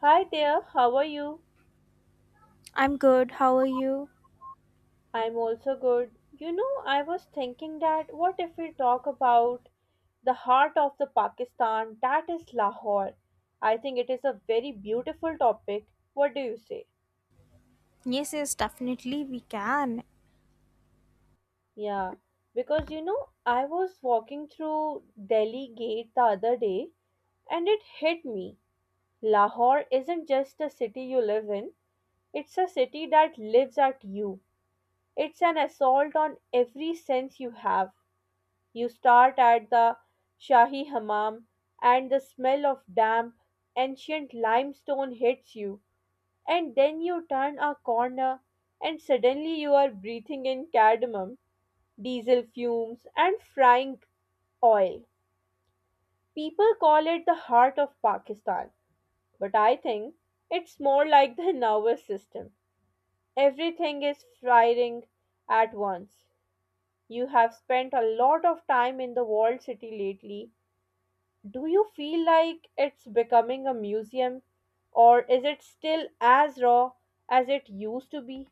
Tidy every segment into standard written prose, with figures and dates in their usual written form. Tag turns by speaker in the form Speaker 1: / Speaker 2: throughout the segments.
Speaker 1: Hi there, how are you?
Speaker 2: I'm good. How are you?
Speaker 1: I'm also good. You know, I was thinking that what if we talk about the heart of the Pakistan, that is Lahore. I think it is a very beautiful topic. What do you say?
Speaker 2: Yes, yes, definitely we can.
Speaker 1: Yeah, because you know, I was walking through Delhi gate the other day and it hit me. Lahore isn't just a city you live in, it's a city that lives at you. It's an assault on every sense you have. You start at the Shahi Hammam, and the smell of damp, ancient limestone hits you. And then you turn a corner, and suddenly you are breathing in cardamom, diesel fumes, and frying oil. People call it the heart of Pakistan, but I think it's more like the nervous system. Everything is firing at once. You have spent a lot of time in the walled city lately. Do you feel like it's becoming a museum, or is it still as raw as it used to be?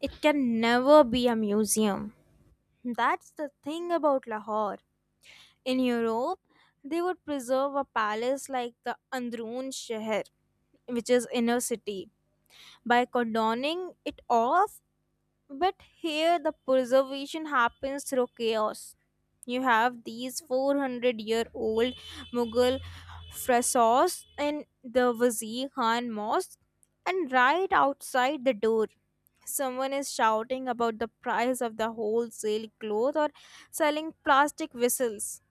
Speaker 2: It can never be a museum. That's the thing about Lahore. In Europe, they would preserve a palace like the Androon Sheher, which is inner city, by cordoning it off. But here the preservation happens through chaos. You have these 400-year-old Mughal frescoes in the Wazir Khan Mosque, and right outside the door, someone is shouting about the price of the wholesale cloth or selling plastic whistles.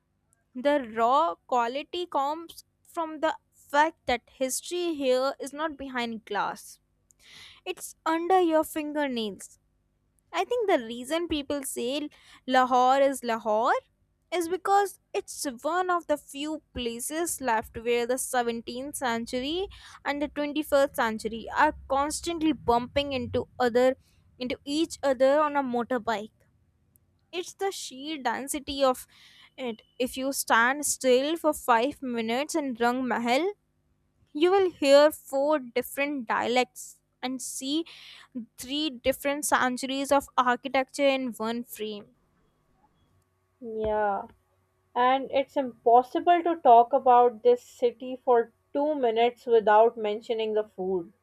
Speaker 2: The raw quality comes from the fact that history here is not behind glass, it's under your fingernails. I think the reason people say Lahore is because it's one of the few places left where the 17th century and the 21st century are constantly bumping into each other on a motorbike. It's the sheer density of it. If you stand still for 5 minutes in Rang Mahal, you will hear four different dialects and see three different centuries of architecture in one frame.
Speaker 1: Yeah, and it's impossible to talk about this city for 2 minutes without mentioning the food.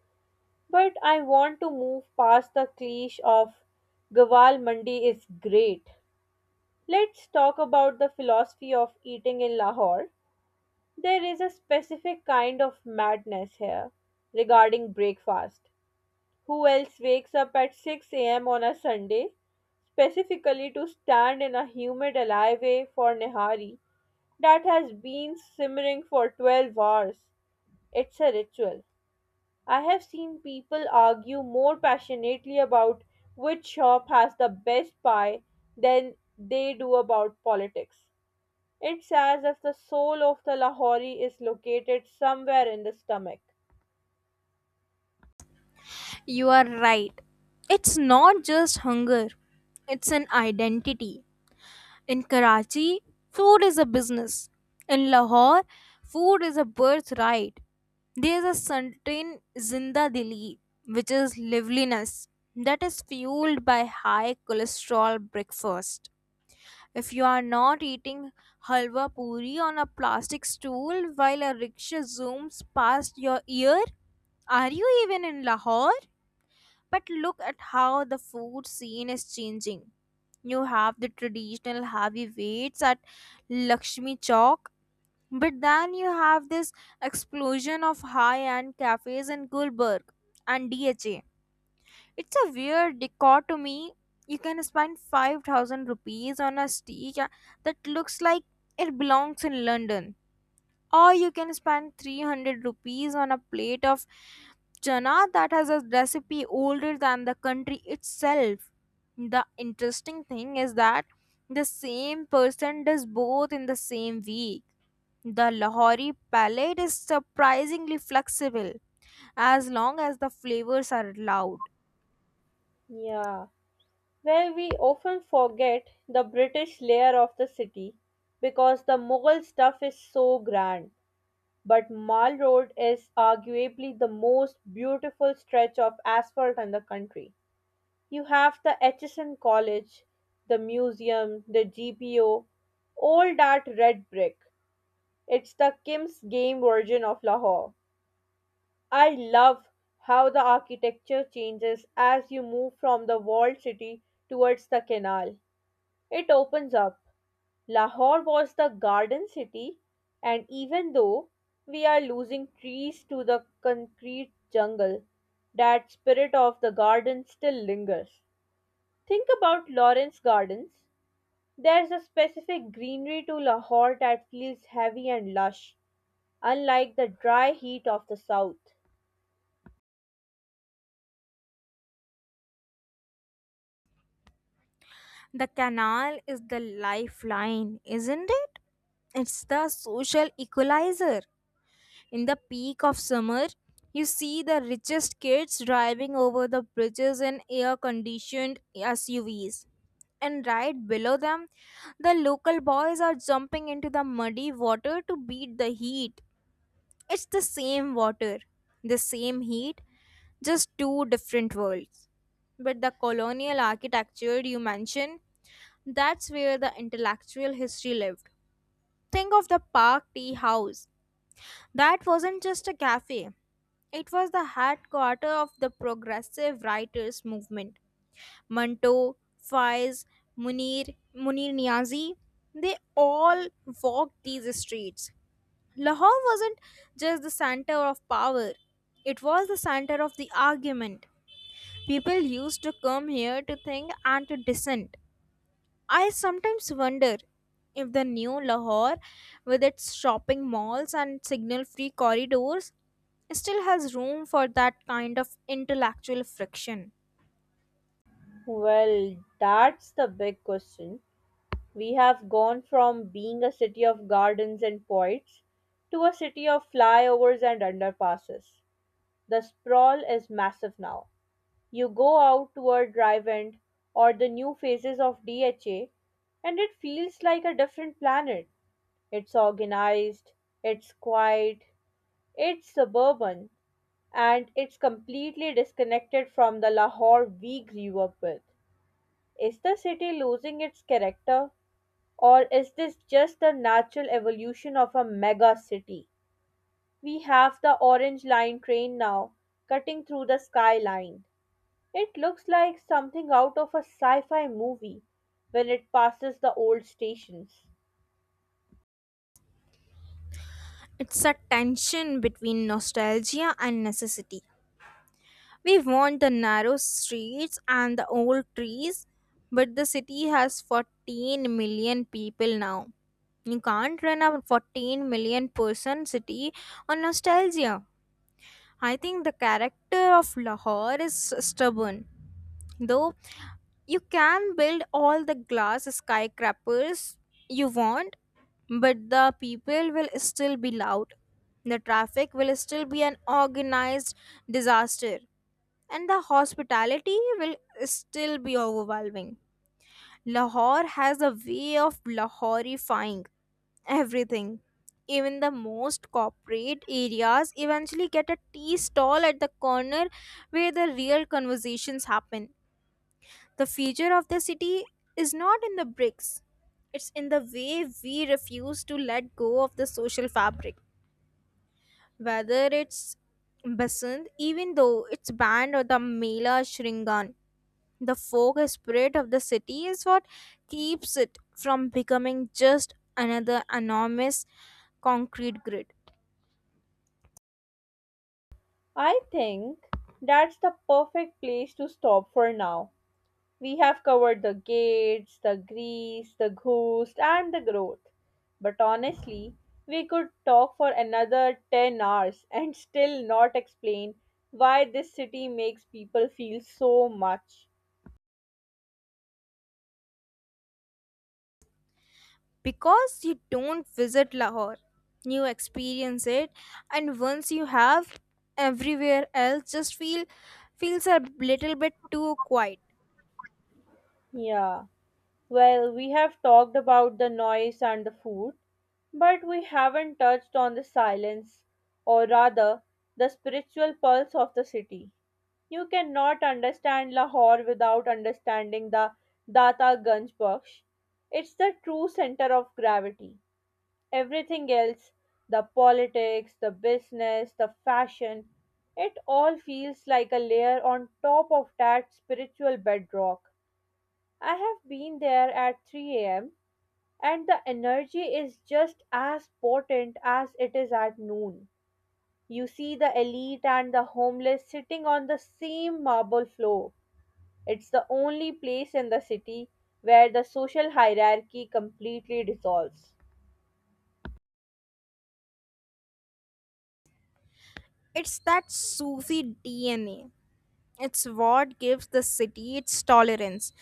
Speaker 1: But I want to move past the cliche of Gawal Mandi is great. Let's talk about the philosophy of eating in Lahore. There is a specific kind of madness here regarding breakfast. Who else wakes up at 6 a.m. on a Sunday specifically to stand in a humid alleyway for Nihari that has been simmering for 12 hours? It's a ritual. I have seen people argue more passionately about which shop has the best pie than they do about politics. It's as if the soul of the Lahori is located somewhere in the stomach.
Speaker 2: You are right. It's not just hunger, it's an identity. In Karachi, food is a business. In Lahore, food is a birthright. There is a certain zinda dili, which is liveliness, that is fueled by high cholesterol breakfast. If you are not eating halwa puri on a plastic stool while a rickshaw zooms past your ear, are you even in Lahore? But look at how the food scene is changing. You have the traditional heavyweights at Lakshmi Chowk, but then you have this explosion of high end cafes in Gulbarg and DHA. It's a weird dichotomy. You can spend 5,000 rupees on a steak that looks like it belongs in London. Or you can spend 300 rupees on a plate of chana that has a recipe older than the country itself. The interesting thing is that the same person does both in the same week. The Lahori palette is surprisingly flexible as long as the flavors are allowed.
Speaker 1: Yeah, where we often forget the British layer of the city because the Mughal stuff is so grand. But Mall Road is arguably the most beautiful stretch of asphalt in the country. You have the Aitchison College, the museum, the GPO, all that red brick. It's the Kim's game version of Lahore. I love how the architecture changes as you move from the walled city towards the canal. It opens up. Lahore was the garden city, and even though we are losing trees to the concrete jungle, that spirit of the garden still lingers. Think about Lawrence Gardens. There's a specific greenery to Lahore that feels heavy and lush, unlike the dry heat of the south.
Speaker 2: The canal is the lifeline, isn't it? It's the social equalizer. In the peak of summer, you see the richest kids driving over the bridges in air conditioned SUVs. And right below them, the local boys are jumping into the muddy water to beat the heat. It's the same water, the same heat, just two different worlds. But the colonial architecture you mentioned, that's where the intellectual history lived. Think of the Park Tea House. That wasn't just a cafe. It was the headquarters of the progressive writers movement. Manto, Faiz, Munir Niazi, they all walked these streets. Lahore wasn't just the center of power. It was the center of the argument. People used to come here to think and to dissent. I sometimes wonder if the new Lahore, with its shopping malls and signal free corridors, still has room for that kind of intellectual friction.
Speaker 1: Well, that's the big question. We have gone from being a city of gardens and poets to a city of flyovers and underpasses. The sprawl is massive now. You go out toward Drive end or the new phases of DHA, and it feels like a different planet. It's organized, it's quiet, it's suburban, and it's completely disconnected from the Lahore we grew up with. Is the city losing its character? Or is this just the natural evolution of a mega city? We have the Orange Line train now, cutting through the skyline. It looks like something out of a sci fi movie when it passes the old stations.
Speaker 2: It's a tension between nostalgia and necessity. We want the narrow streets and the old trees, but the city has 14 million people now. You can't run a 14 million person city on nostalgia. I think the character of Lahore is stubborn. Though you can build all the glass skyscrapers you want, but the people will still be loud. The traffic will still be an organized disaster, and the hospitality will still be overwhelming. Lahore has a way of Lahoreifying everything. Even the most corporate areas eventually get a tea stall at the corner where the real conversations happen. The future of the city is not in the bricks, it's in the way we refuse to let go of the social fabric. Whether it's Basant, even though it's banned, or the Mela Shringan, the folk spirit of the city is what keeps it from becoming just another enormous concrete grid.
Speaker 1: I think that's the perfect place to stop for now. We have covered the gates, the grease, the ghost, and the growth. But honestly, we could talk for another 10 hours and still not explain why this city makes people feel so much.
Speaker 2: Because you don't visit Lahore. You experience it, and once you have, everywhere else just feels a little bit too quiet.
Speaker 1: Yeah, well, we have talked about the noise and the food, but we haven't touched on the silence, or rather, the spiritual pulse of the city. You cannot understand Lahore without understanding the Data Ganj Baksh. It's the true center of gravity. Everything else, the politics, the business, the fashion, it all feels like a layer on top of that spiritual bedrock. I have been there at 3 a.m. and the energy is just as potent as it is at noon. You see the elite and the homeless sitting on the same marble floor. It's the only place in the city where the social hierarchy completely dissolves.
Speaker 2: It's that Sufi DNA. It's what gives the city its tolerance,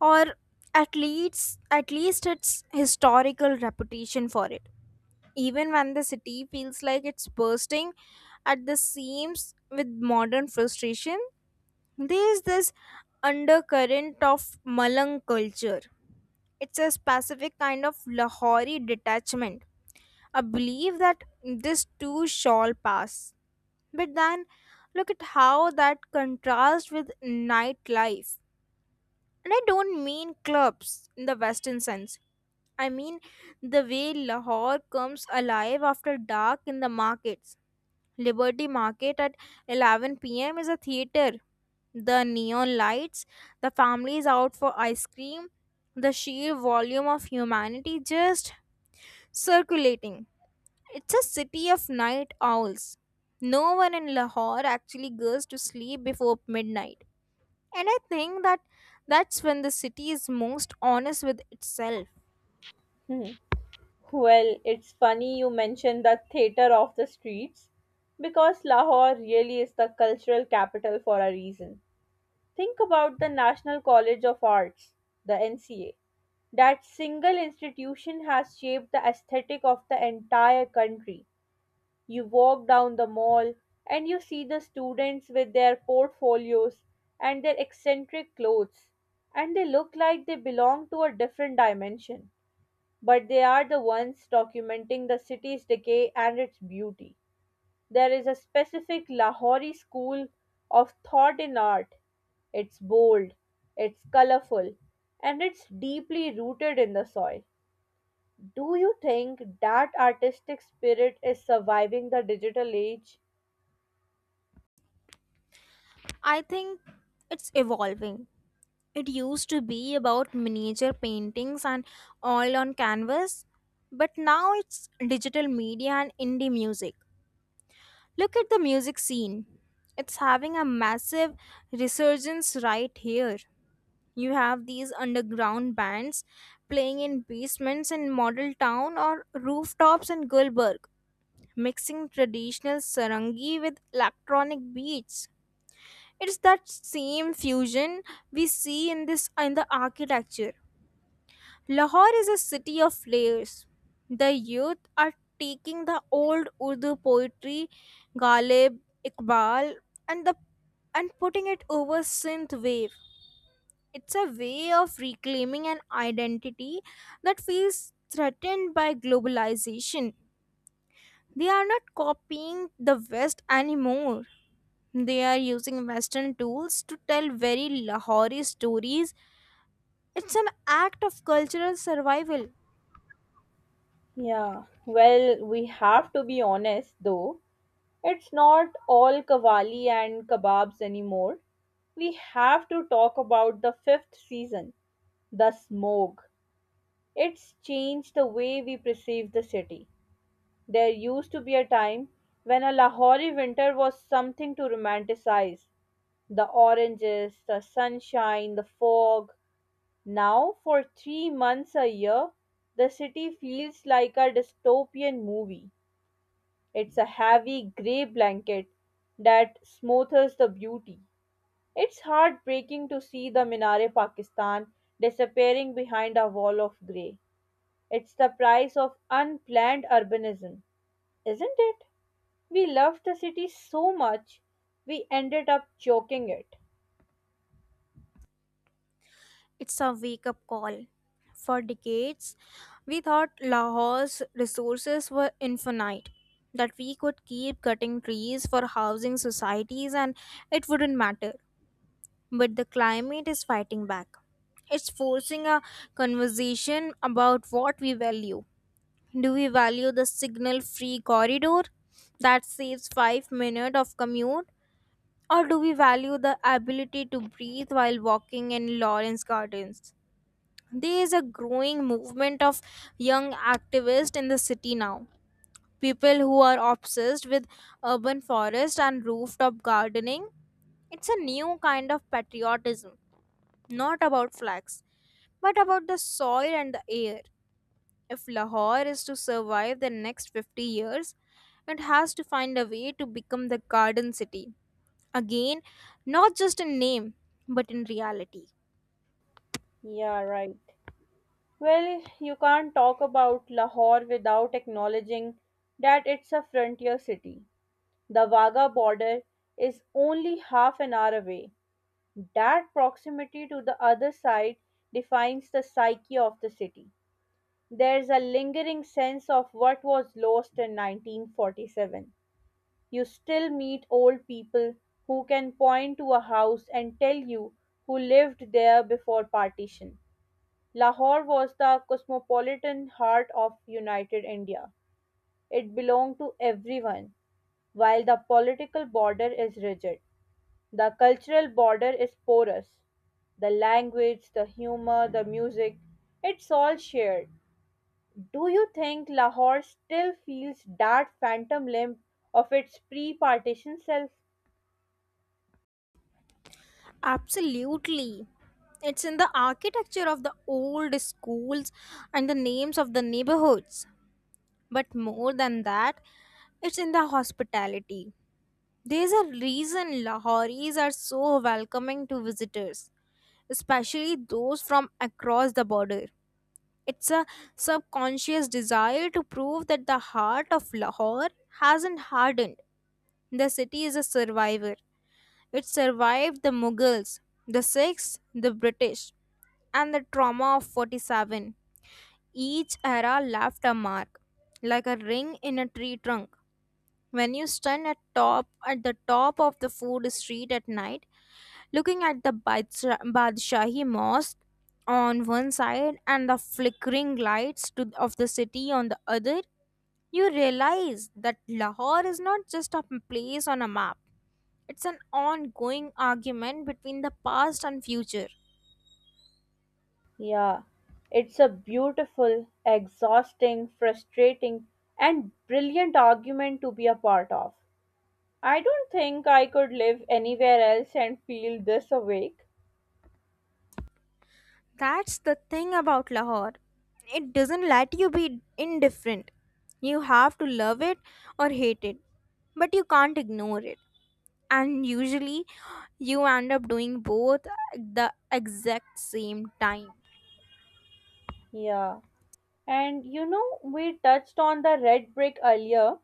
Speaker 2: or at least its historical reputation for it. Even when the city feels like it's bursting at the seams with modern frustration, there is this undercurrent of Malang culture. It's a specific kind of Lahori detachment. A belief that this too shall pass. But then look at how that contrasts with nightlife. And I don't mean clubs in the Western sense. I mean the way Lahore comes alive after dark in the markets. Liberty Market at 11 p.m. is a theater. The neon lights, the families out for ice cream, the sheer volume of humanity just circulating. It's a city of night owls. No one in Lahore actually goes to sleep before midnight. And I think that that's when the city is most honest with itself.
Speaker 1: Hmm. Well, it's funny you mention the theater of the streets because Lahore really is the cultural capital for a reason. Think about the National College of Arts, the NCA. That single institution has shaped the aesthetic of the entire country. You walk down the mall and you see the students with their portfolios and their eccentric clothes, and they look like they belong to a different dimension. But they are the ones documenting the city's decay and its beauty. There is a specific Lahori school of thought in art. It's bold, it's colorful, and it's deeply rooted in the soil. Do you think that artistic spirit is surviving the digital age?
Speaker 2: I think it's evolving. It used to be about miniature paintings and all on canvas, but now it's digital media and indie music. Look at the music scene. It's having a massive resurgence right here. You have these underground bands playing in basements in model town or rooftops in Gulberg, mixing traditional sarangi with electronic beats. It's that same fusion we see in the architecture. Lahore is a city of layers. The youth are taking the old Urdu poetry, Ghalib, Iqbal, and the and putting it over synth wave. It's a way of reclaiming an identity that feels threatened by globalization. They are not copying the West anymore. They are using Western tools to tell very Lahori stories. It's an act of cultural survival.
Speaker 1: Yeah, well, we have to be honest though. It's not all kawali and kebabs anymore. We have to talk about the fifth season, the smog. It's changed the way we perceive the city. There used to be a time when a Lahori winter was something to romanticize. The oranges, the sunshine, the fog. Now, for 3 months a year, the city feels like a dystopian movie. It's a heavy grey blanket that smothers the beauty. It's heartbreaking to see the Minare Pakistan disappearing behind a wall of grey. It's the price of unplanned urbanism, isn't it? We loved the city so much, we ended up choking it.
Speaker 2: It's a wake up call. For decades, we thought Lahore's resources were infinite, that we could keep cutting trees for housing societies and it wouldn't matter. But the climate is fighting back. It's forcing a conversation about what we value. Do we value the signal free corridor that saves 5 minutes of commute? Or do we value the ability to breathe while walking in Lawrence Gardens? There is a growing movement of young activists in the city now. People who are obsessed with urban forest and rooftop gardening. It's a new kind of patriotism, not about flags, but about the soil and the air. If Lahore is to survive the next 50 years, it has to find a way to become the garden city. Again, not just in name, but in reality.
Speaker 1: Yeah, right. Well, you can't talk about Lahore without acknowledging that it's a frontier city. The Wagah border is only half an hour away. That proximity to the other side defines the psyche of the city. There's a lingering sense of what was lost in 1947. You still meet old people who can point to a house and tell you who lived there before partition. Lahore was the cosmopolitan heart of united India. It belonged to everyone, while the political border is rigid. The cultural border is porous. The language, the humor, the music, it's all shared. Do you think Lahore still feels that phantom limp of its pre partition self?
Speaker 2: Absolutely. It's in the architecture of the old schools and the names of the neighborhoods. But more than that, it's in the hospitality. There's a reason Lahoris are so welcoming to visitors, especially those from across the border. It's a subconscious desire to prove that the heart of Lahore hasn't hardened. The city is a survivor, it survived the Mughals, the Sikhs, the British, and the trauma of 47. Each era left a mark, like a ring in a tree trunk. When you stand at the top of the food street at night, looking at the Badshahi Mosque on one side and the flickering lights of the city on the other, you realize that Lahore is not just a place on a map. It's an ongoing argument between the past and future.
Speaker 1: Yeah, it's a beautiful, exhausting, frustrating, and brilliant argument to be a part of. I don't think I could live anywhere else and feel this awake.
Speaker 2: That's the thing about Lahore. It doesn't let you be indifferent. You have to love it or hate it, but you can't ignore it. And usually, you end up doing both at the exact same time.
Speaker 1: Yeah. And you know, we touched on the red brick earlier,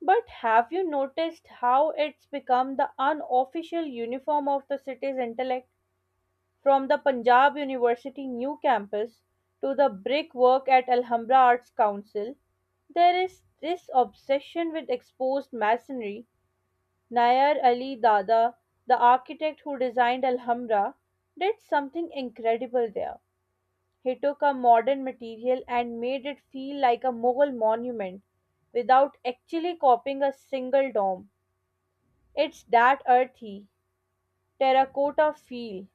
Speaker 1: but have you noticed how it's become the unofficial uniform of the city's intellect? From the Punjab University new campus to the brickwork at Alhambra Arts Council, there is this obsession with exposed masonry. Nayar Ali Dada, the architect who designed Alhambra, did something incredible there. He took a modern material and made it feel like a Mughal monument without actually copying a single dome. It's that earthy, terracotta feel.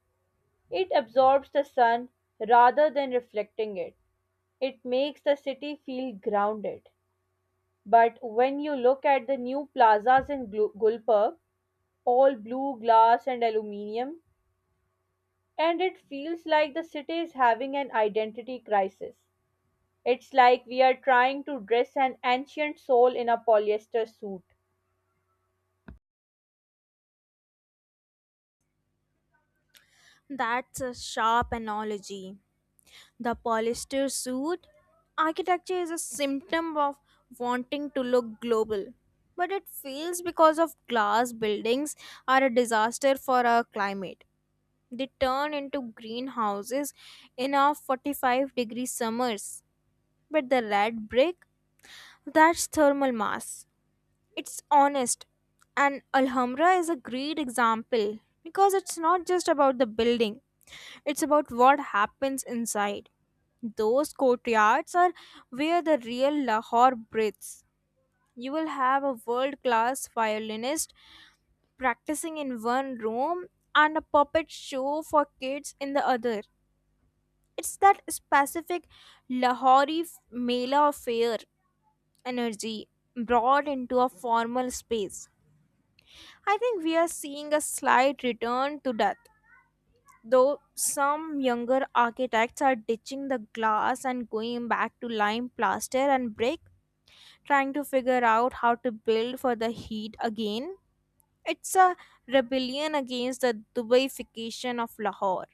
Speaker 1: It absorbs the sun rather than reflecting it. It makes the city feel grounded. But when you look at the new plazas in Gulpurg, all blue glass and aluminium, and it feels like the city is having an identity crisis. It's like we are trying to dress an ancient soul in a polyester suit.
Speaker 2: That's a sharp analogy, the polyester suit? Architecture is a symptom of wanting to look global, but it fails because of glass buildings are a disaster for our climate. They turn into greenhouses in our 45-degree summers, but the red brick, that's thermal mass. It's honest. And Alhambra is a great example because it's not just about the building, it's about what happens inside. Those courtyards are where the real Lahore breathes. You will have a world class violinist practicing in one room and a puppet show for kids in the other. It's that specific Lahori Mela affair energy brought into a formal space. I think we are seeing a slight return to that, though some younger architects are ditching the glass and going back to lime plaster and brick, trying to figure out how to build for the heat again. It's a rebellion against the Dubaification of Lahore.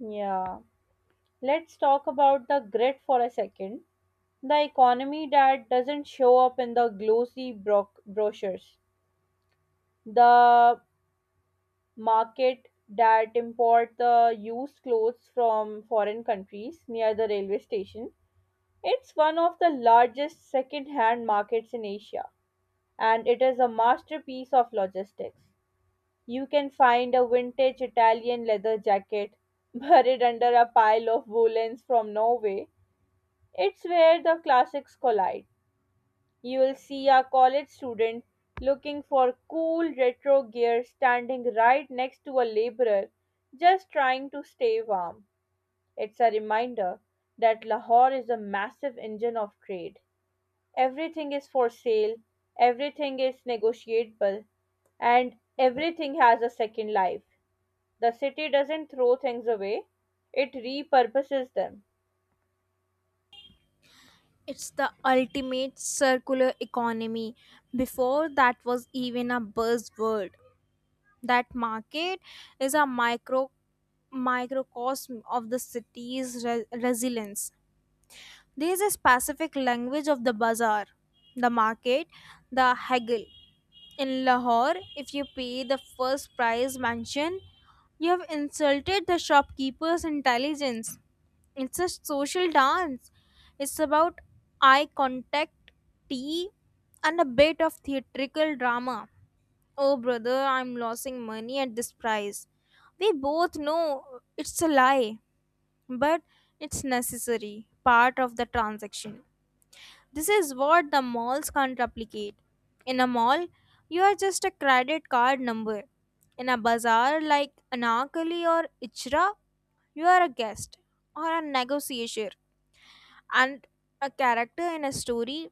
Speaker 1: Yeah. Let's talk about the grit for a second, the economy that doesn't show up in the glossy brochures, the market that import the used clothes from foreign countries near the railway station. It's one of the largest second-hand markets in Asia, and it is a masterpiece of logistics. You can find a vintage Italian leather jacket buried under a pile of woolens from Norway. It's where the classics collide. You will see a college student looking for cool retro gear standing right next to a laborer just trying to stay warm. It's a reminder that Lahore is a massive engine of trade. Everything is for sale, everything is negotiable, and everything has a second life. The city doesn't throw things away, it repurposes them.
Speaker 2: It's the ultimate circular economy. Before that was even a buzzword. That market is a microcosm of the city's resilience. There is a specific language of the bazaar, the market, the haggle. In Lahore, if you pay the first price mentioned, you have insulted the shopkeeper's intelligence. It's a social dance. It's about eye contact, tea, and a bit of theatrical drama. Oh, brother, I'm losing money at this price. We both know it's a lie, but it's necessary, part of the transaction. This is what the malls can't replicate. In a mall, you are just a credit card number. In a bazaar like Anarkali or Ichra, you are a guest or a negotiator and a character in a story.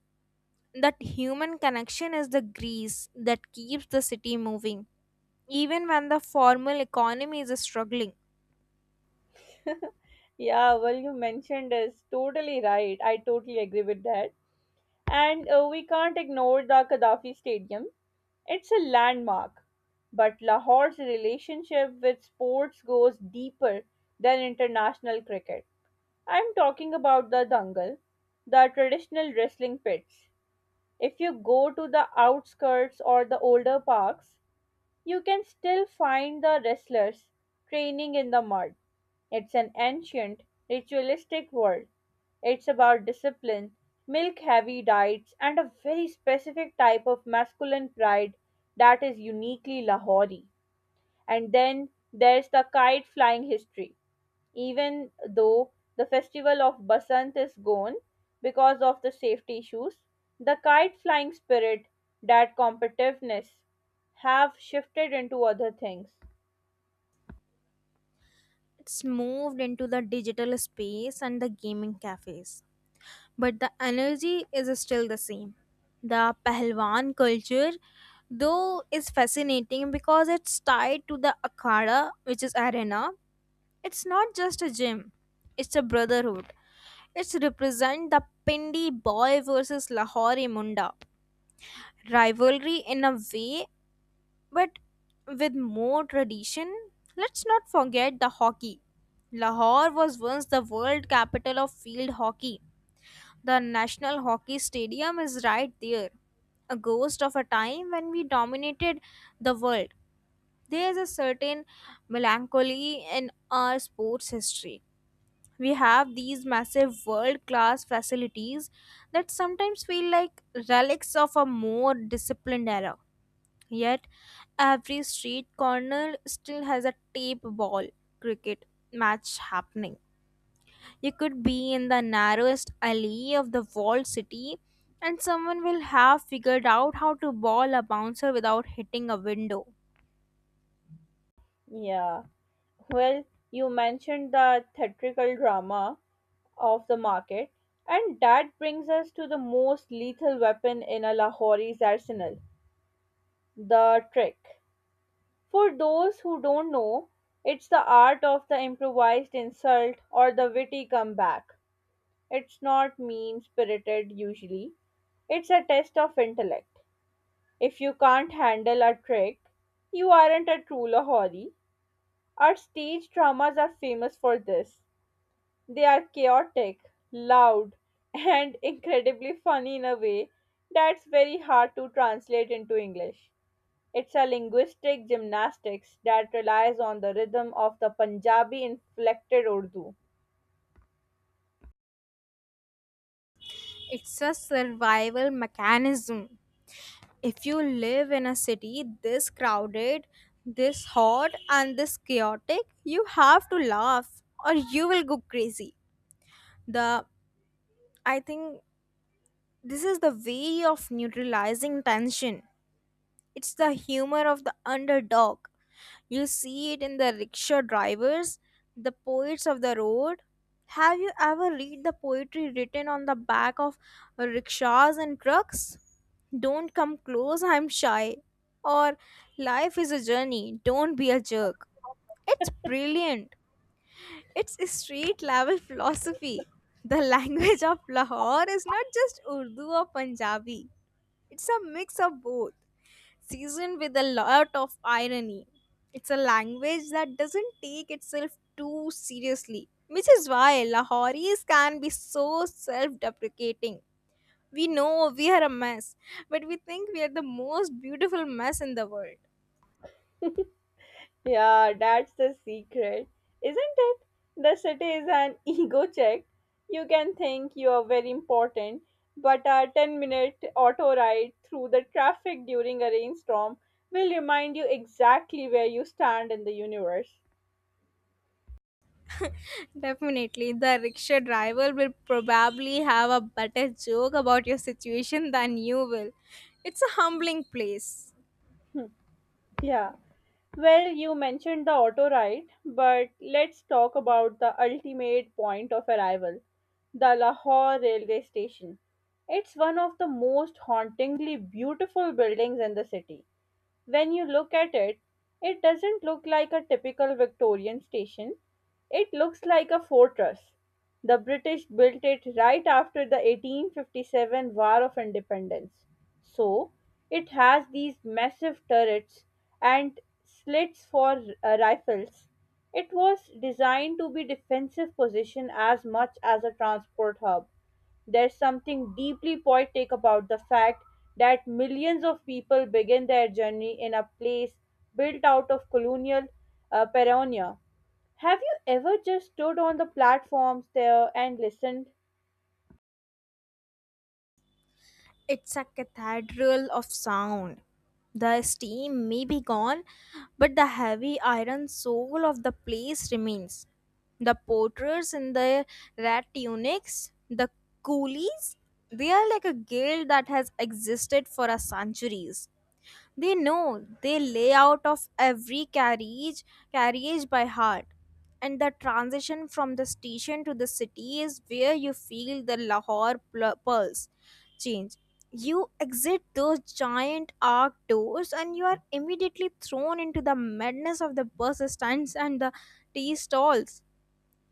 Speaker 2: That human connection is the grease that keeps the city moving. Even when the formal economy is struggling,
Speaker 1: Yeah, well, you mentioned is totally right. I totally agree with that. And we can't ignore the Gaddafi Stadium. It's a landmark, but Lahore's relationship with sports goes deeper than international cricket. I'm talking about the dangal, the traditional wrestling pits. If you go to the outskirts or the older parks, you can still find the wrestlers training in the mud. It's an ancient, ritualistic world. It's about discipline, milk heavy diets, and a very specific type of masculine pride that is uniquely Lahori. And then there's the kite flying history, even though the festival of Basant is gone because of the safety issues, the kite flying spirit, that competitiveness, have shifted into other things.
Speaker 2: it's moved into the digital space and the gaming cafes. But the energy is still the same. The Pahlawan culture, though, is fascinating because it's tied to the Akhada, which is arena. It's not just a gym, it's a brotherhood. It's represent the Pindi boy versus Lahori Munda rivalry in a way, but with more tradition. Let's not forget the hockey. Lahore was once the world capital of field hockey. The National Hockey Stadium is right there, a ghost of a time when we dominated the world. There is a certain melancholy in our sports history. We have these massive world class facilities that sometimes feel like relics of a more disciplined era. Yet, every street corner still has a tape ball cricket match happening. You could be in the narrowest alley of the walled city, and someone will have figured out how to ball a bouncer without hitting a window.
Speaker 1: Yeah. Well, you mentioned the theatrical drama of the market, and that brings us to the most lethal weapon in a Lahori's arsenal, the trick. For those who don't know, it's the art of the improvised insult or the witty comeback. It's not mean spirited usually. It's a test of intellect. If you can't handle a trick, you aren't a true Lahori. Our stage dramas are famous for this. They are chaotic, loud, and incredibly funny in a way that's very hard to translate into English. It's a linguistic gymnastics that relies on the rhythm of the Punjabi inflected Urdu.
Speaker 2: It's a survival mechanism. If you live in a city this crowded, this hot, and this chaotic, you have to laugh or you will go crazy. The I think this is the way of neutralizing tension. It's the humor of the underdog. You see it in the rickshaw drivers, the poets of the road. Have you ever read the poetry written on the back of rickshaws and trucks? Don't come close, I'm shy. Or life is a journey, don't be a jerk. It's brilliant. It's a street level philosophy. The language of Lahore is not just Urdu or Punjabi, it's a mix of both seasoned with a lot of irony. It's a language that doesn't take itself too seriously, which is why Lahoris can be so self deprecating. We know we are a mess, but we think we are the most beautiful mess in the world.
Speaker 1: Yeah, that's the secret, isn't it? The city is an ego check. You can think you are very important, but a 10-minute auto ride through the traffic during a rainstorm will remind you exactly where you stand in the universe.
Speaker 2: Definitely, the rickshaw driver will probably have a better joke about your situation than you will. It's a humbling place.
Speaker 1: Yeah. Well, you mentioned the auto ride, but let's talk about the ultimate point of arrival, the Lahore railway station. It's one of the most hauntingly beautiful buildings in the city. When you look at it, it doesn't look like a typical Victorian station. It looks like a fortress. The British built it right after the 1857 War of Independence. So, it has these massive turrets and slits for rifles. It was designed to be defensive position as much as a transport hub. There's something deeply poetic about the fact that millions of people begin their journey in a place built out of colonial pioneer. Have you ever just stood on the platforms there and listened?
Speaker 2: It's a cathedral of sound. The steam may be gone, but the heavy iron soul of the place remains. The porters in their red tunics, the coolies, they are like a guild that has existed for a centuries. They know the layout of every carriage by heart. And the transition from the station to the city is where you feel the Lahore pulse change. You exit those giant arc doors and you are immediately thrown into the madness of the bus stands and the tea stalls.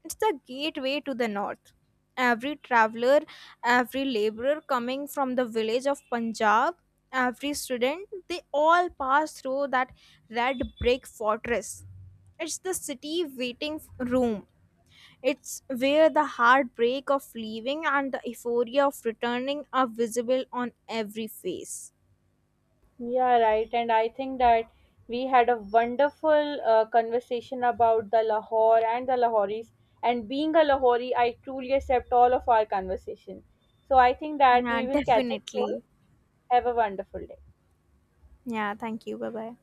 Speaker 2: It's the gateway to the north. Every traveler, every laborer coming from the village of Punjab, every student, they all pass through that red brick fortress. It's the city waiting room. It's where the heartbreak of leaving and the euphoria of returning are visible on every face.
Speaker 1: Yeah, right. And I think that we had a wonderful conversation about the Lahore and the Lahoris. And being a Lahori, I truly accept all of our conversation. So I think that
Speaker 2: Yeah,
Speaker 1: we will catch up soon.
Speaker 2: definitely.
Speaker 1: Have a wonderful day.
Speaker 2: Yeah, thank you. Bye bye.